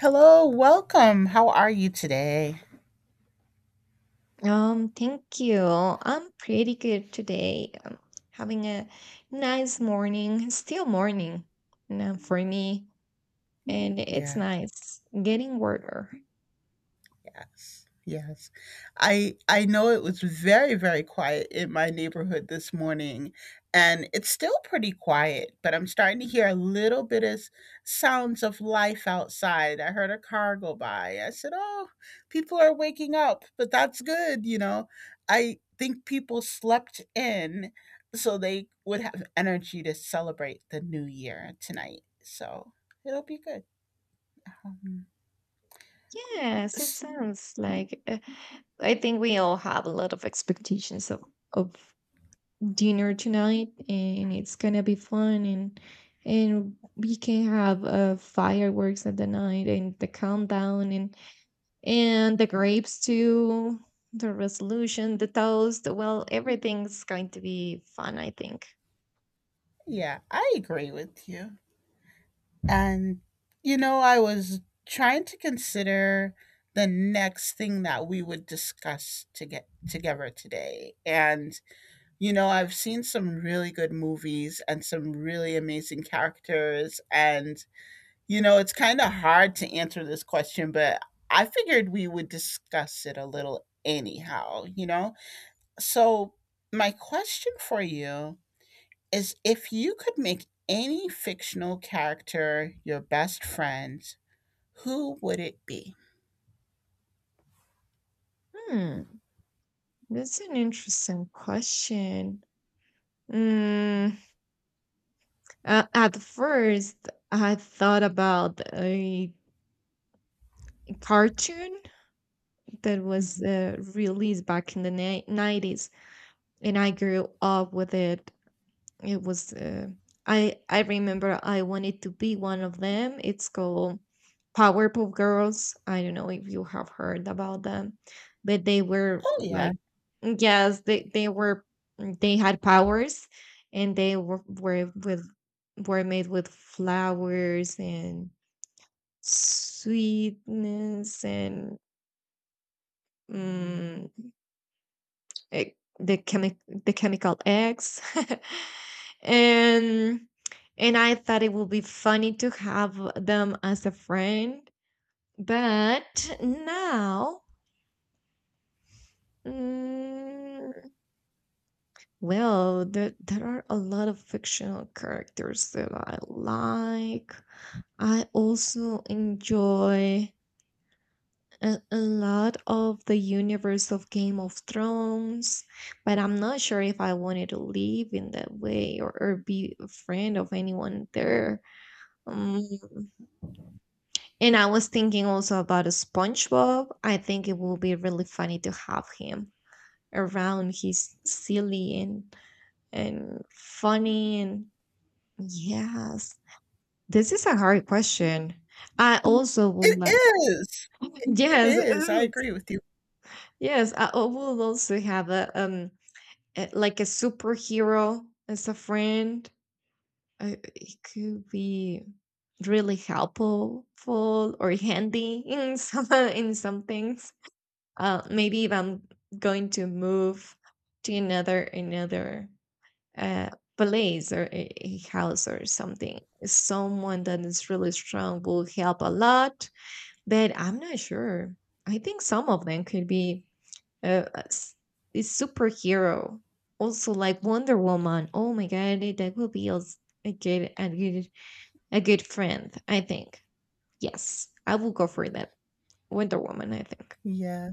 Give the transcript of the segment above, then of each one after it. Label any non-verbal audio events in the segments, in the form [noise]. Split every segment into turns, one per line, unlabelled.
Hello, welcome. How are you today?
Thank you. I'm pretty good today. I'm having a nice morning, still morning, for me, and it's
Yeah,
nice getting warmer.
yes. Yes. I know it was very quiet in my neighborhood this morning and it's still pretty quiet, but I'm starting to hear a little bit of sounds of life outside. I heard a car go by. I said, "Oh, people are waking up." But that's good. I think people slept in so they would have energy to celebrate the new year tonight. So, it'll be good. Um,
Yes, it
s-
sounds like I think we all have a lot of expectations of dinner tonight, and it's gonna be fun, and we can have fireworks at the night and the countdown, and the grapes too, the resolution, the toast. Well, everything's going to be fun, I think.
yeah, I agree with you. And, I was trying to consider the next thing that we would discuss to get together today. And, I've seen some really good movies and some really amazing characters. And, it's kind of hard to answer this question, but I figured we would discuss it a little anyhow. So, my question for you is if you could make any fictional character your best friend, who would it be?
Hmm. That's an interesting question. mm, at first I thought about a cartoon that was
Mhm.
released back in the 90s, and I grew up with it. It was I remember I wanted to be one of them. It's called Powerpuff Girls. I don't know if you have heard about them, but they were
Oh, yeah.
like. Yes, they had powers, and they were made with flowers and sweetness and eh, the chemi- the chemical eggs [laughs] and I thought it would be funny to have them as a friend. But now, mm, well, there are a lot of fictional characters that I like. I also enjoy a lot of the universe of Game of Thrones, but I'm not sure if I wanted to live in that way, or be a friend of anyone there. Um, and I was thinking also about a SpongeBob. I think it will be really funny to have him around. He's silly and funny, and yes. This is a hard question. I also would
It
like.
is.
[laughs]
It
Yes,
is. I
ooh,
agree with you.
yes, I would also have a, like, a superhero as a friend. It could be really helpful full, or handy in [laughs] some things. Maybe if I'm going to move to another uh, place, or a house, or something, someone that is really strong will help a lot. But I'm not sure. I think some of them could be uh, a s- a superhero. Also, like Wonder Woman. Oh my God, that will be a good, a good, a good friend, I think. Yes, I will go for that. Wonder Woman, I think.
Yeah.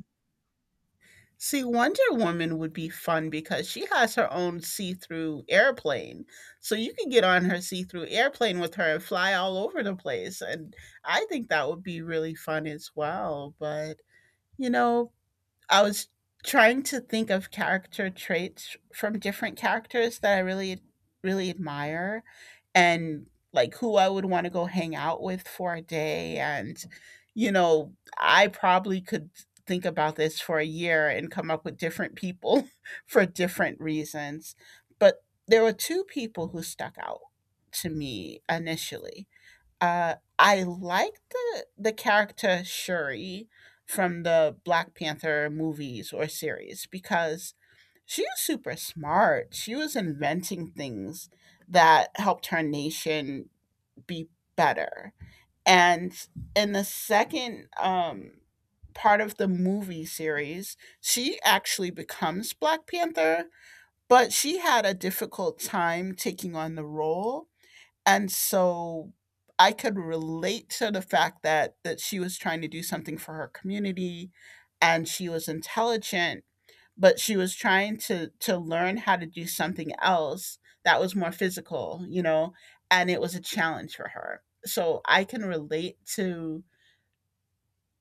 See, Wonder Woman would be fun because she has her own see through airplane. So you could get on her see through airplane with her and fly all over the place. And I think that would be really fun as well. But, you know, I was trying to think of character traits from different characters that I really, really admire and like who I would want to go hang out with for a day. And, I probably could think about this for a year and come up with different people [laughs] for different reasons. But there were two people who stuck out to me initially. I like the character Shuri from the Black Panther movies or series because she was super smart. She was inventing things that helped her nation be better. And in the second part of the movie series, she actually becomes Black Panther, but she had a difficult time taking on the role and so I could relate to the fact that she was trying to do something for her community and she was intelligent, but she was trying to learn how to do something else that was more physical, you know, and it was a challenge for her. So I can relate to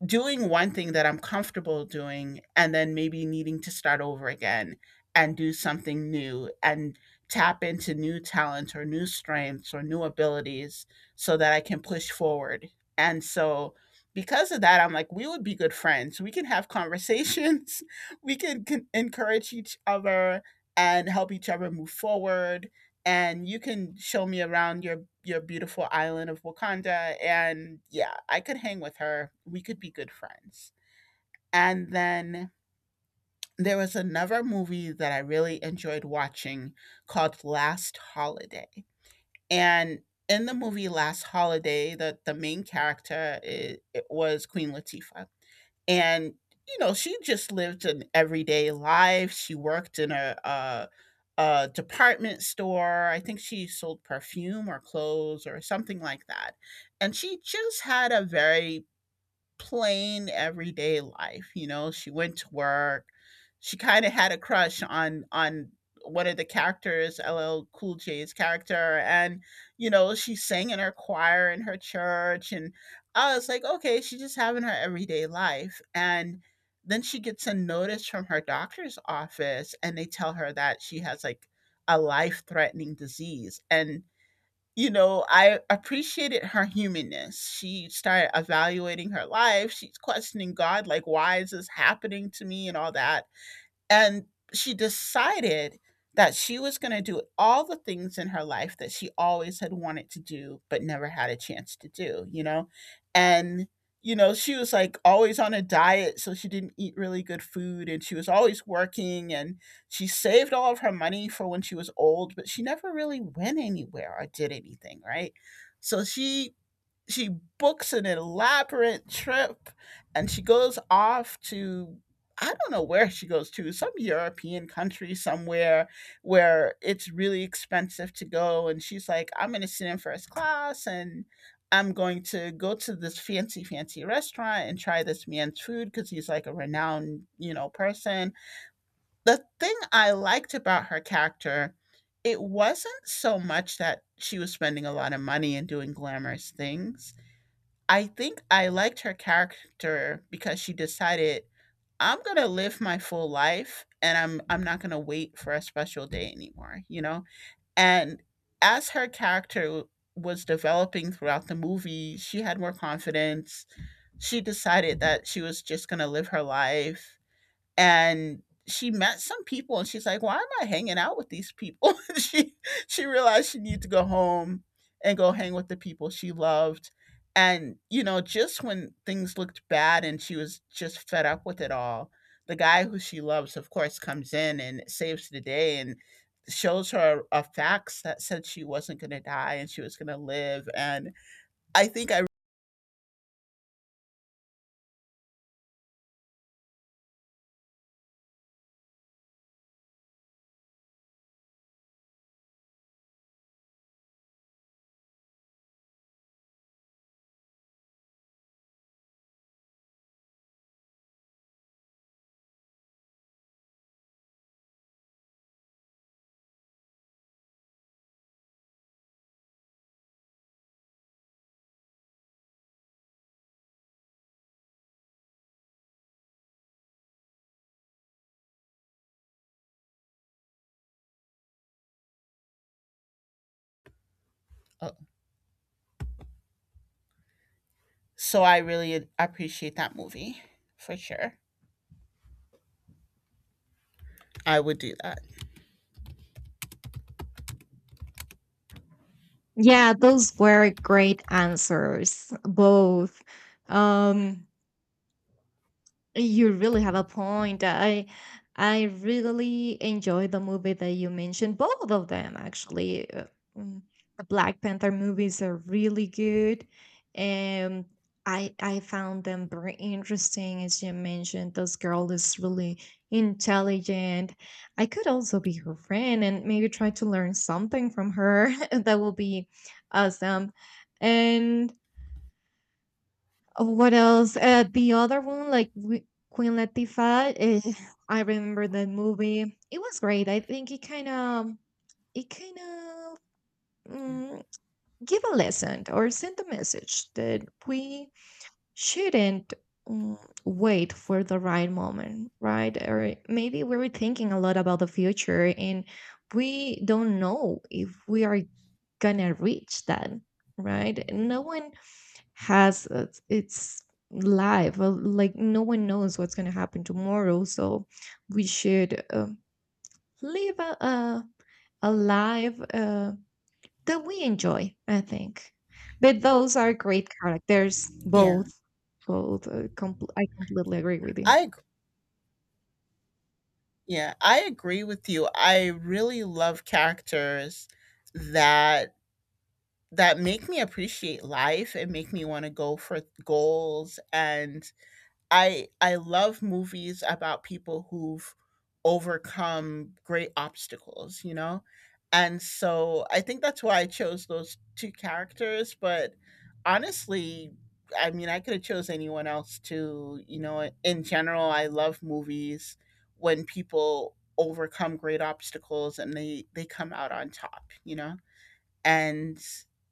doing one thing that I'm comfortable doing and then maybe needing to start over again and do something new and tap into new talent or new strengths or new abilities so that I can push forward. And so because of that, I'm like, we would be good friends. We can have conversations. [laughs] We can encourage each other and help each other move forward and you can show me around your beautiful island of Wakanda and yeah, I could hang with her. We could be good friends. And then there was another movie that I really enjoyed watching called Last Holiday. And in the movie Last Holiday, the main character I it was Queen Latifah. And, she just lived an everyday life. She worked in a department store. I think she sold perfume or clothes or something like that. And she just had a very plain everyday life, you know, she went to work. She kinda had a crush on one of the characters, LL Cool J's character, and, you know, she sang in her choir in her church, and I was like, "Okay, she's just having her everyday life," and then she gets a notice from her doctor's office, and they tell her that she has, like, a life-threatening disease, and you know, I appreciated her humanness. She started evaluating her life. She's questioning God, like, why is this happening to me and all that. And she decided that she was going to do all the things in her life that she always had wanted to do but never had a chance to do, you know? And, you know, she was like always on a diet, so she didn't eat really good food and she was always working and she saved all of her money for when she was old, but she never really went anywhere or did anything, right? So she books an elaborate trip and she goes off to I don't know where she goes to, some European country somewhere where it's really expensive to go. And she's like, I'm going to sit in first class and I'm going to go to this fancy, fancy restaurant and try this man's food because he's like a renowned, you know, person. The thing I liked about her character, it wasn't so much that she was spending a lot of money and doing glamorous things. I think I liked her character because she decided, "I'm gonna live my full life, and I'm not gonna wait for a special day anymore," you know? And as her character was developing throughout the movie, she had more confidence. She decided that she was just gonna live her life and she met some people and she's like, "Why am I hanging out with these people?" [laughs] She realized she needed to go home and go hang with the people she loved. And you know, just when things looked bad and she was just fed up with it all, the guy who she loves, of course, comes in and saves the day and shows her a fax that said she wasn't going to die and she was going to live. And I think I uh, so I really appreciate that movie for sure. I would do that.
Yeah, those were great answers. Both. Um, You really have a point. I really enjoy the movie that you mentioned, both of them actually. Mm, The Black Panther movies are really good, and I found them very interesting. As you mentioned, this girl is really intelligent. I could also be her friend and maybe try to learn something from her. [laughs] That will be awesome. And oh, what else? The other one, Queen Latifah, I remember that movie. It was great. I think it kind of mm, give a lesson, or sent a message that we shouldn't, mm, wait for the right moment, right? Or maybe we were thinking a lot about the future, and we don't know if we are gonna reach that, right? No one has its life. Well, like no one knows what's going to happen tomorrow, so we should live a life that we enjoy, I think. But those are great characters.
Yeah.
Both. I completely agree with you.
I ag- yeah, I agree with you. I really love characters that that make me appreciate life and make me want to go for goals and I love movies about people who've overcome great obstacles, you know? And so I think that's why I chose those 2 characters, but honestly, I mean, I could have chose anyone else too, you know? In general, I love movies when people overcome great obstacles and they come out on top, you know? And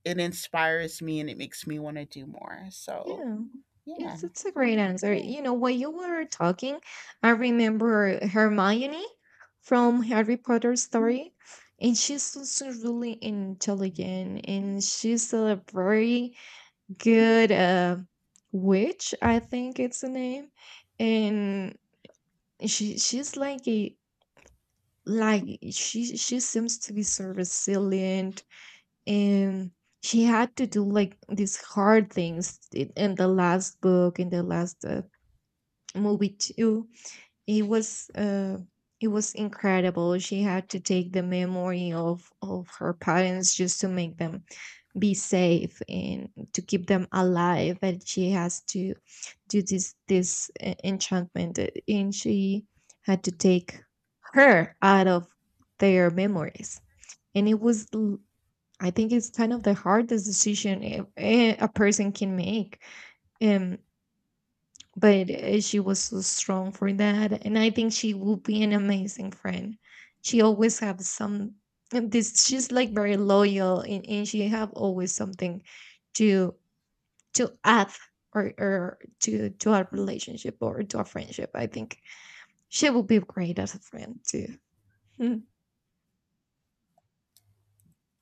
it inspires me and it makes me want to do more. So,
Yeah.
yeah.
Yes, it's a great answer.
Yeah.
While you were talking, I remember Hermione from Harry Potter story, and she's also really intelligent, and she's a very good witch, I think it's the name, and she's like a, like she seems to be so resilient, and she had to do like these hard things, in the last book, in the last movie too. It was it was incredible. She had to take the memory of her parents just to make them be safe and to keep them alive, and she has to do this enchantment, and she had to take her out of their memories. And it was, I think, it's kind of the hardest decision a person can make. Um, but she was so strong for that, and I think she will be an amazing friend. She always have some and this. She's like very loyal, and she have always something to to add, or to our relationship or to our friendship. I think she will be great as a friend too. [laughs]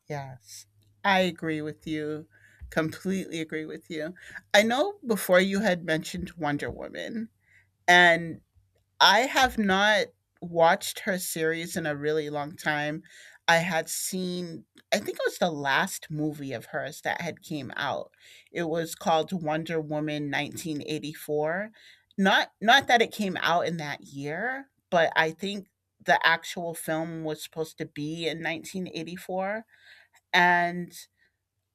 Yes. I agree with you. Completely agree with you. I know before you had mentioned Wonder Woman, and I have not watched her series in a really long time. I had seen I think it was the last movie of hers that had came out. It was called Wonder Woman 1984. Not that it came out in that year, but I think the actual film was supposed to be in 1984 and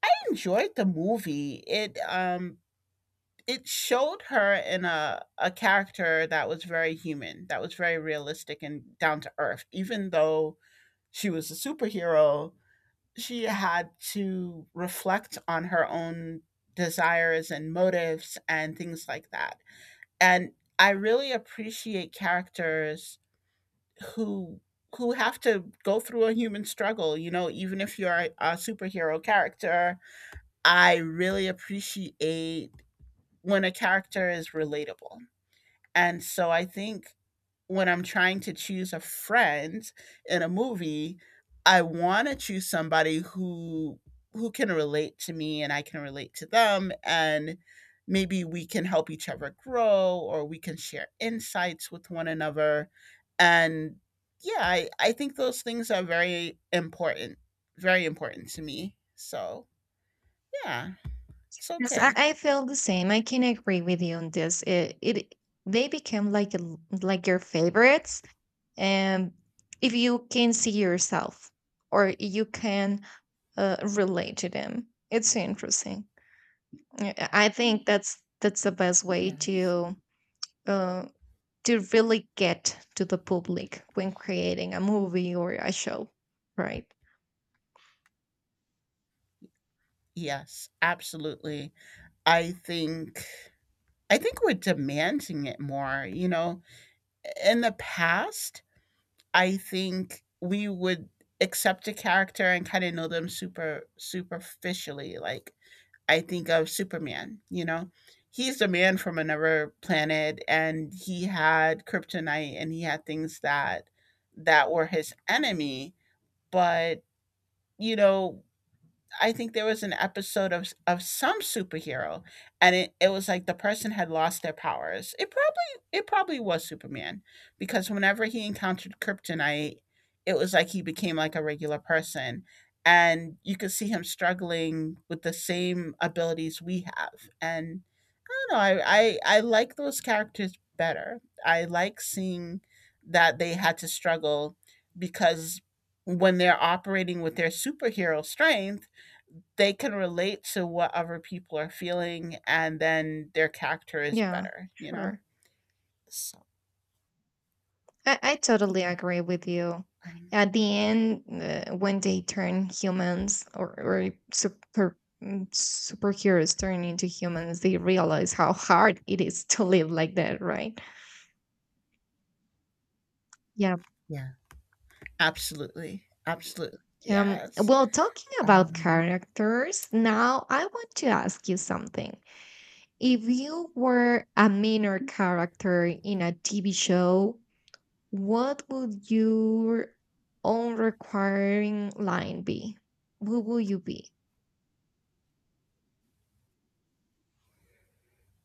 I enjoyed the movie. It showed her in a character that was very human, that was very realistic and down to earth. Even though she was a superhero, she had to reflect on her own desires and motives and things like that. And I really appreciate characters who who have to go through a human struggle, you know, even if you're a superhero character, I really appreciate when a character is relatable. And so I think when I'm trying to choose a friend in a movie, I want to choose somebody who can relate to me and I can relate to them and maybe we can help each other grow or we can share insights with one another and yeah, I think those things are very important to me. So, yeah, it's
Yes, I,
okay.
I feel the same. I can agree with you on this. It they become like a, like, your favorites, and if you can see yourself or you can relate to them, it's interesting. Yeah, I think that's the best way
Yes.
uh, to really get to the public when creating a movie or a show, right?
Yes, absolutely. I think I think we're demanding it more, you know. In the past, I think we would accept a character and kind of know them super superficially. Like I think of Superman, you know. He's a man from another planet and he had kryptonite and he had things that were his enemy, but you know, I think there was an episode of some superhero, and it was like the person had lost their powers. It probably was Superman, because whenever he encountered kryptonite, it was like he became like a regular person, and you could see him struggling with the same abilities we have. And I don't know, I like those characters better. I like seeing that they had to struggle because when they're operating with their superhero strength they can relate to what other people are feeling and then their character is
Yeah,
better, you know,
sure.
so
I totally
yeah.
agree with you.
um,
At the end, when they turn humans, or super, superheroes turn into humans, they realize how hard it is to live like that, right? Yeah.
yeah, absolutely, absolutely, yes.
Well, talking about
Um,
characters, now I want to ask you something. If you were a minor character in a TV show, what would your own requiring line be? Who will you be?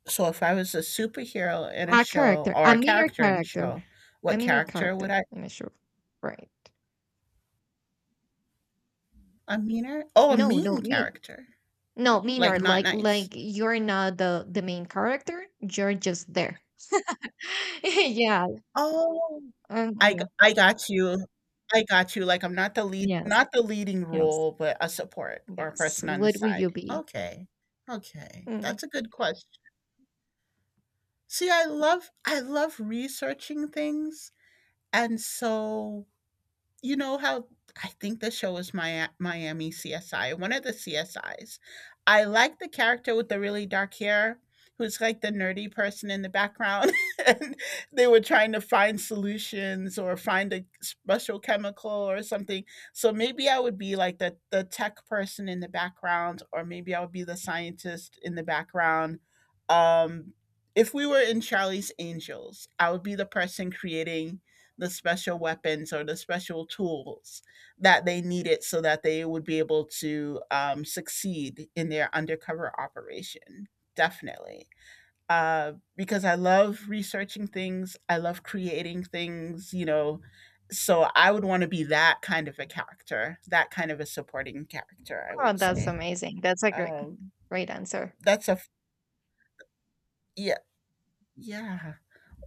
so if I was a superhero in a
A
show
character,
or
a
a
minor
character in a
character,
show, what
a minor
character would
character
I—
in a show, right?
a meaner, oh, a
No, no,
mean
me,
character,
no,
like
minor.
not
Like,
nice.
like you're not the main character. You're just there. [laughs] Yeah.
Oh,
Yeah.
I got you. I got you, like, I'm not the lead,
Yes.
not the leading
Yes.
role, but a support or a
Yes.
person on the
What would you
side.
be?
Okay. Okay,
Mm.
that's a good question. See, I love researching things, and so you know how I think the show is Miami CSI, one of the CSIs. I like the character with the really dark hair who's like the nerdy person in the background [laughs] and they were trying to find solutions or find a special chemical or something. So maybe I would be like the tech person in the background or maybe I would be the scientist in the background. Um if we were in Charlie's Angels, I would be the person creating the special weapons or the special tools that they needed so that they would be able to succeed in their undercover operation. Definitely. Because I love researching things, I love creating things. So I would want to be that kind of a character, that kind of a supporting character, I
Oh,
would
that's
say.
amazing. That's a great,
Um,
great answer.
that's yeah, yeah.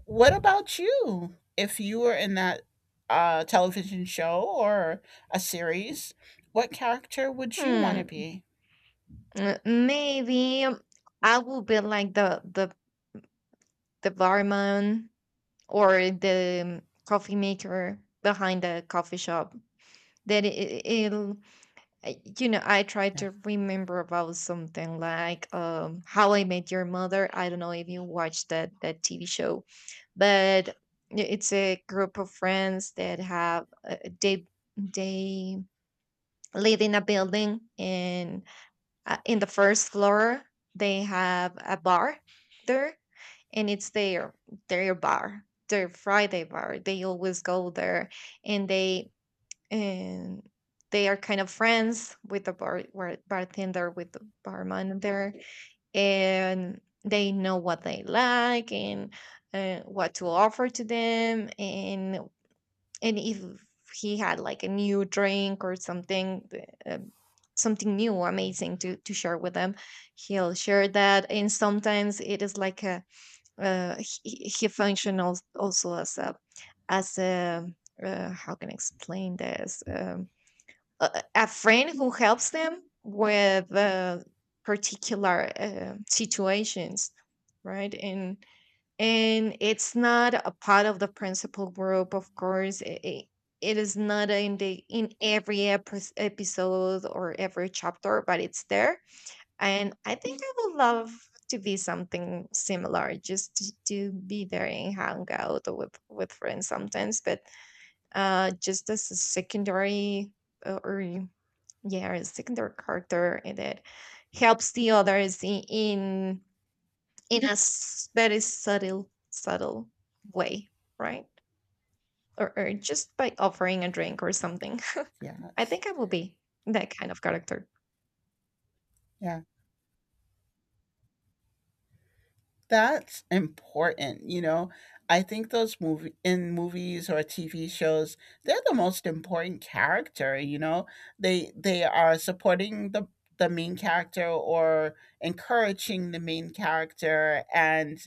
What about you? If you were in that television show or a series, what character would you want to
Hmm.
be?
Maybe I will be like the barman, or the coffee maker behind the coffee shop that it'll. I try
Yeah,
to remember about something like How I Met Your Mother. I don't know if you watched that TV show, but it's a group of friends that have, they live in a building, and in the first floor they have a bar there, and it's their bar, their Friday bar. They always go there, and and they are kind of friends with the bartender, with the barman there, and they know what they like, and what to offer to them, and if he had like a new drink or something, something new, amazing to share with them, he'll share that. And sometimes it is like a uh, he functions also as a how can I explain this? A friend who helps them with particular situations, right? And it's not a part of the principal group, of course. It is not in the in every episode or every chapter, but it's there. And I think I would love to be something similar, just to be there and hang out with friends sometimes. But just as a secondary, or yeah, a secondary character, and that helps the others in very subtle way, right? Or just by offering a drink or something. [laughs] I
yes,
think I will be that kind of character.
yeah, that's important. You know, I think those movies or TV shows, they're the most important character. You know, they are supporting the main character or encouraging the main character. And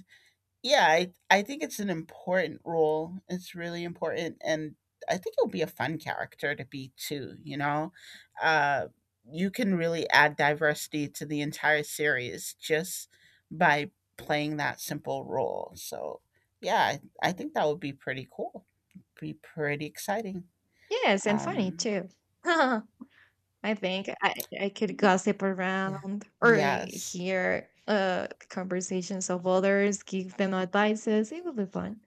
yeah, I think it's an important role. It's really important, and I think it'll be a fun character to be too. You know, uh, you can really add diversity to the entire series just by playing that simple role. So, yeah, I think that would be pretty cool. Be pretty exciting.
Yes, and funny
Um,
too. [laughs] I think I could gossip
yeah.
around or
Yes.
hear conversations of others, give them advices. It would be fun.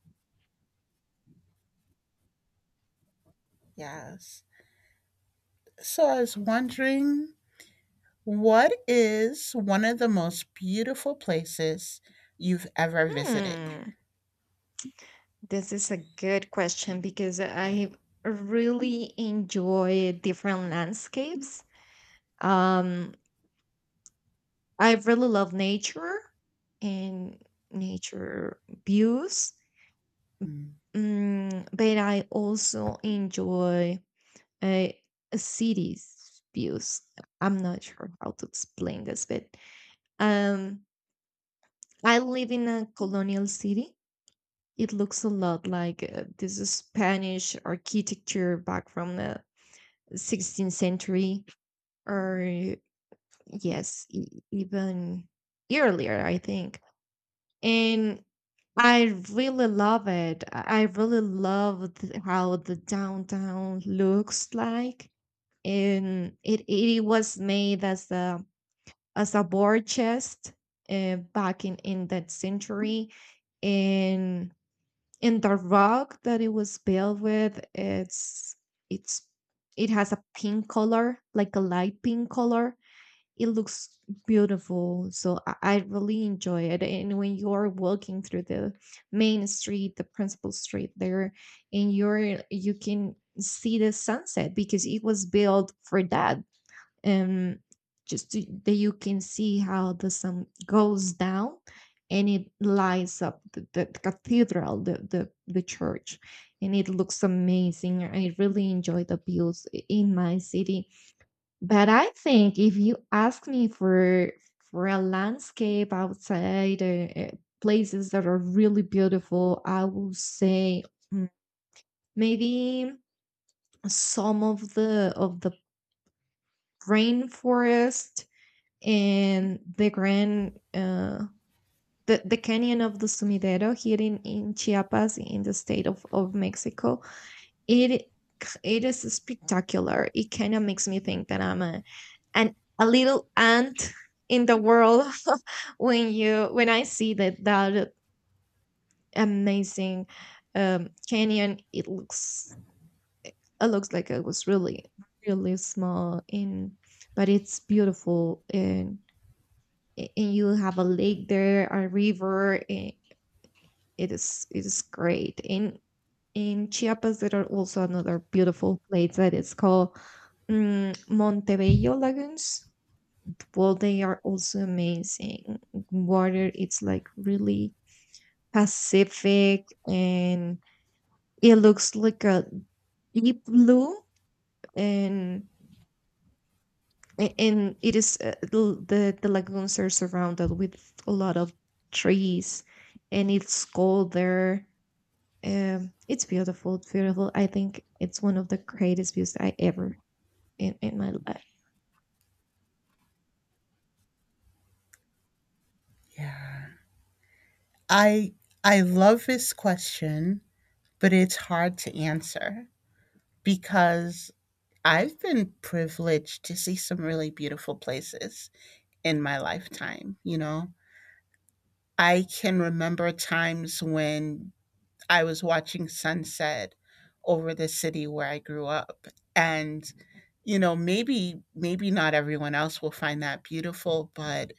Yes. So I was wondering, what is one of the most beautiful places you've ever visited?
Hmm. This is a good question because I really enjoy different landscapes. Um, I really love nature and nature views,
Mm,
but I also enjoy uh, cities views. I'm not sure how to explain this, but um, I live in a colonial city. It looks a lot like this Spanish architecture back from the 16th century, or yes, even earlier, I think. And I really love it. I really love how the downtown looks like, and it was made as a war chest, back in that century, and and the rock that it was built with, it's it has a pink color, like a light pink color. It looks beautiful. So I really enjoy it, and when you're walking through the main street, the principal street there, and you can see the sunset, because it was built for that, um, that you can see how the sun goes down, and it lights up the cathedral, the church, and it looks amazing. I really enjoy the views in my city. But I think if you ask me for a landscape outside, places that are really beautiful, I will say, mm, maybe some of the rainforest, and the grand, the canyon of the Sumidero, here in, Chiapas, in the state of Mexico. It it is spectacular. It kind of makes me think that I'm a little ant in the world [laughs] when you when I see that amazing, canyon. It looks, like it was really, really small but it's beautiful. And and you have a lake there, a river. And it is great. And in Chiapas, there are also another beautiful place that is called, Montebello Lagoons. Well, they are also amazing. Water, it's like really Pacific, and it looks like a deep blue, and and it is, the lagoons are surrounded with a lot of trees, and it's cold there. It's beautiful, it's beautiful. I think it's one of the greatest views I ever, in my life.
Yeah. I I love this question, but it's hard to answer because I've been privileged to see some really beautiful places in my lifetime, you know. I can remember times when I was watching sunset over the city where I grew up. And, you know, maybe not everyone else will find that beautiful, but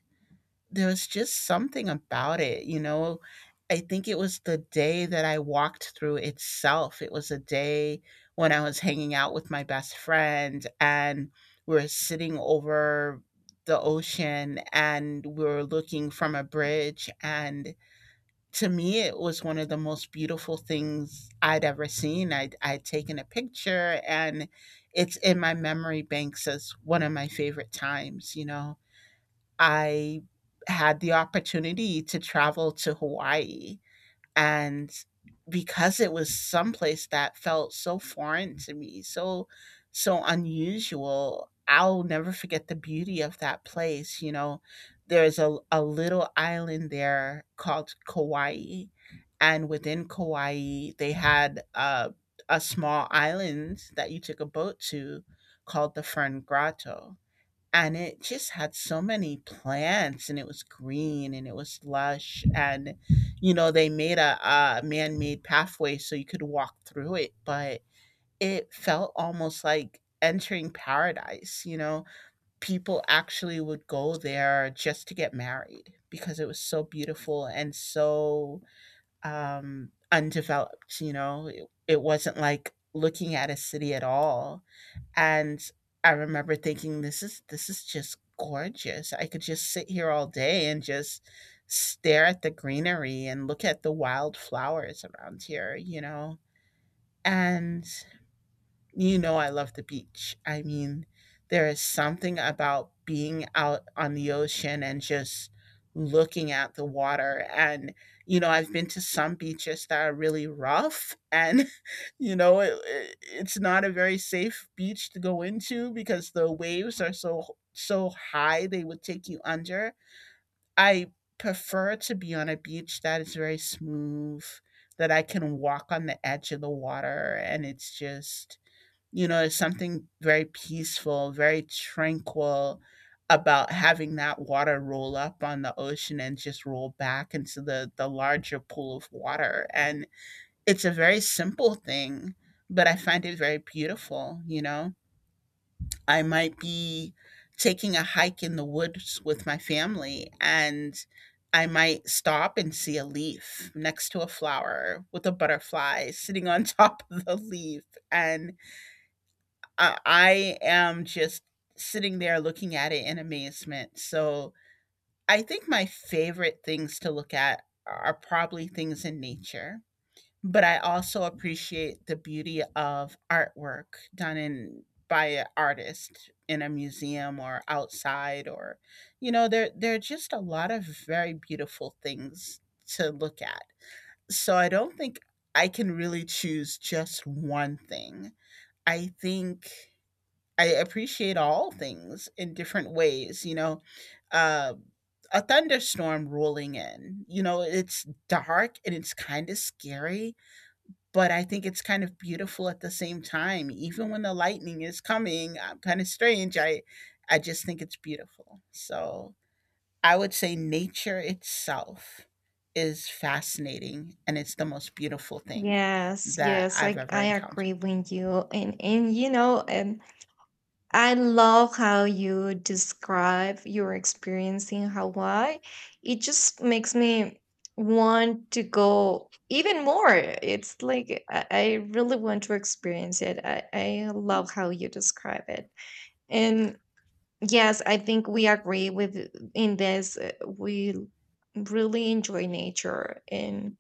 there was just something about it, you know. I think it was the day that I walked through itself. It was a day when I was hanging out with my best friend and we were sitting over the ocean and we were looking from a bridge and to me it was one of the most beautiful things I'd ever seen. I'd taken a picture and it's in my memory banks as one of my favorite times, you know. I had the opportunity to travel to Hawaii, and because it was someplace that felt so foreign to me, so unusual, I'll never forget the beauty of that place. You know, there's a little island there called Kauai, and within Kauai, they had a small island that you took a boat to, called the Fern Grotto, and it just had so many plants and it was green and it was lush. And you know they made a man-made pathway so you could walk through it, but it felt almost like entering paradise. You know, people actually would go there just to get married because it was so beautiful and so undeveloped. You know it wasn't like looking at a city at all. And I remember thinking, this is just gorgeous. I could just sit here all day and just stare at the greenery and look at the wildflowers around here, you know? And you know, I love the beach. I mean, there is something about being out on the ocean and just looking at the water. And, you know, I've been to some beaches that are really rough and, [laughs] you know, it's not a very safe beach to go into because the waves are so high they would take you under. I prefer to be on a beach that is very smooth, that I can walk on the edge of the water and it's just, you know, it's something very peaceful, very tranquil about having that water roll up on the ocean and just roll back into the larger pool of water. And it's a very simple thing, but I find it very beautiful. You know, I might be taking a hike in the woods with my family and I might stop and see a leaf next to a flower with a butterfly sitting on [laughs] top of the leaf. And I am just sitting there looking at it in amazement. So I think my favorite things to look at are probably things in nature, but I also appreciate the beauty of artwork done in by an artist in a museum or outside. Or you know there are just a lot of very beautiful things to look at. So I don't think I can really choose just one thing. I think I appreciate all things in different ways, you know. Uh, a thunderstorm rolling in, you know, it's dark and it's kind of scary, but I think it's kind of beautiful at the same time. Even when the lightning is coming, I'm kind of strange. I just think it's beautiful. So I would say nature itself is fascinating and it's the most beautiful thing
Yes,
that
yes,
I've
i
ever
i
encountered.
agree with you, and I love how you describe your experience in Hawaii. It just makes me want to go even more. It's like I really want to experience it. I love how you describe it. And yes, I think we agree with in this. We really enjoy nature and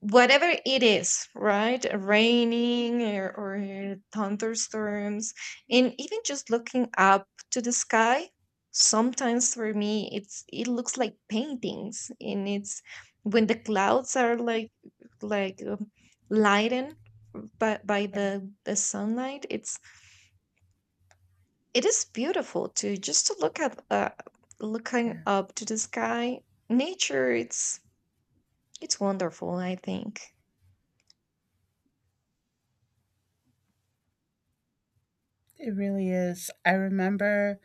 whatever it is, right? Raining, or thunderstorms, and even just looking up to the sky. Sometimes for me, it looks like paintings, and it's when the clouds are like, lightened by
Yeah,
the sunlight. It is beautiful to just to look at, looking
yeah.
up to the sky. Nature, it's wonderful, I think.
It really is. I remember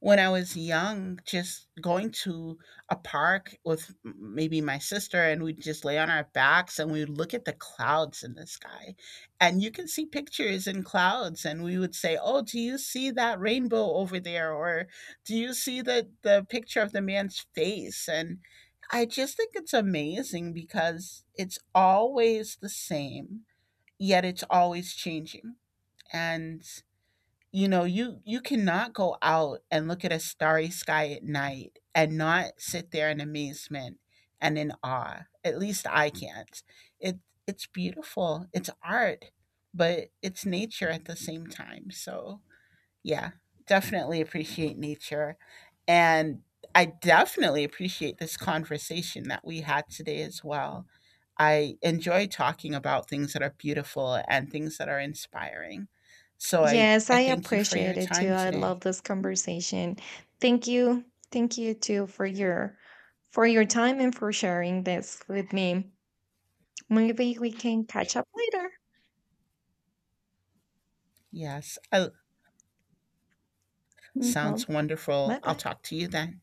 when I was young, just going to a park with maybe my sister, and we'd just lay on our backs and we'd look at the clouds in the sky. And you can see pictures in clouds, and we would say, oh, do you see that rainbow over there? Or do you see the picture of the man's face? And I just think it's amazing because it's always the same, yet it's always changing. And you know you cannot go out and look at a starry sky at night and not sit there in amazement and in awe, at least I can't. It it's beautiful, it's art, but it's nature at the same time. So yeah, definitely appreciate nature. And I definitely appreciate this conversation that we had today as well. I enjoy talking about things that are beautiful and things that are inspiring. So
Yes,
I
I
thank you for your
appreciate it too.
time
I
today.
love this conversation. Thank you. Thank you too for your time and for sharing this with me. Maybe we can catch up later.
Yes, I, sounds
Well,
wonderful.
bye
I'll
bye.
talk to you then.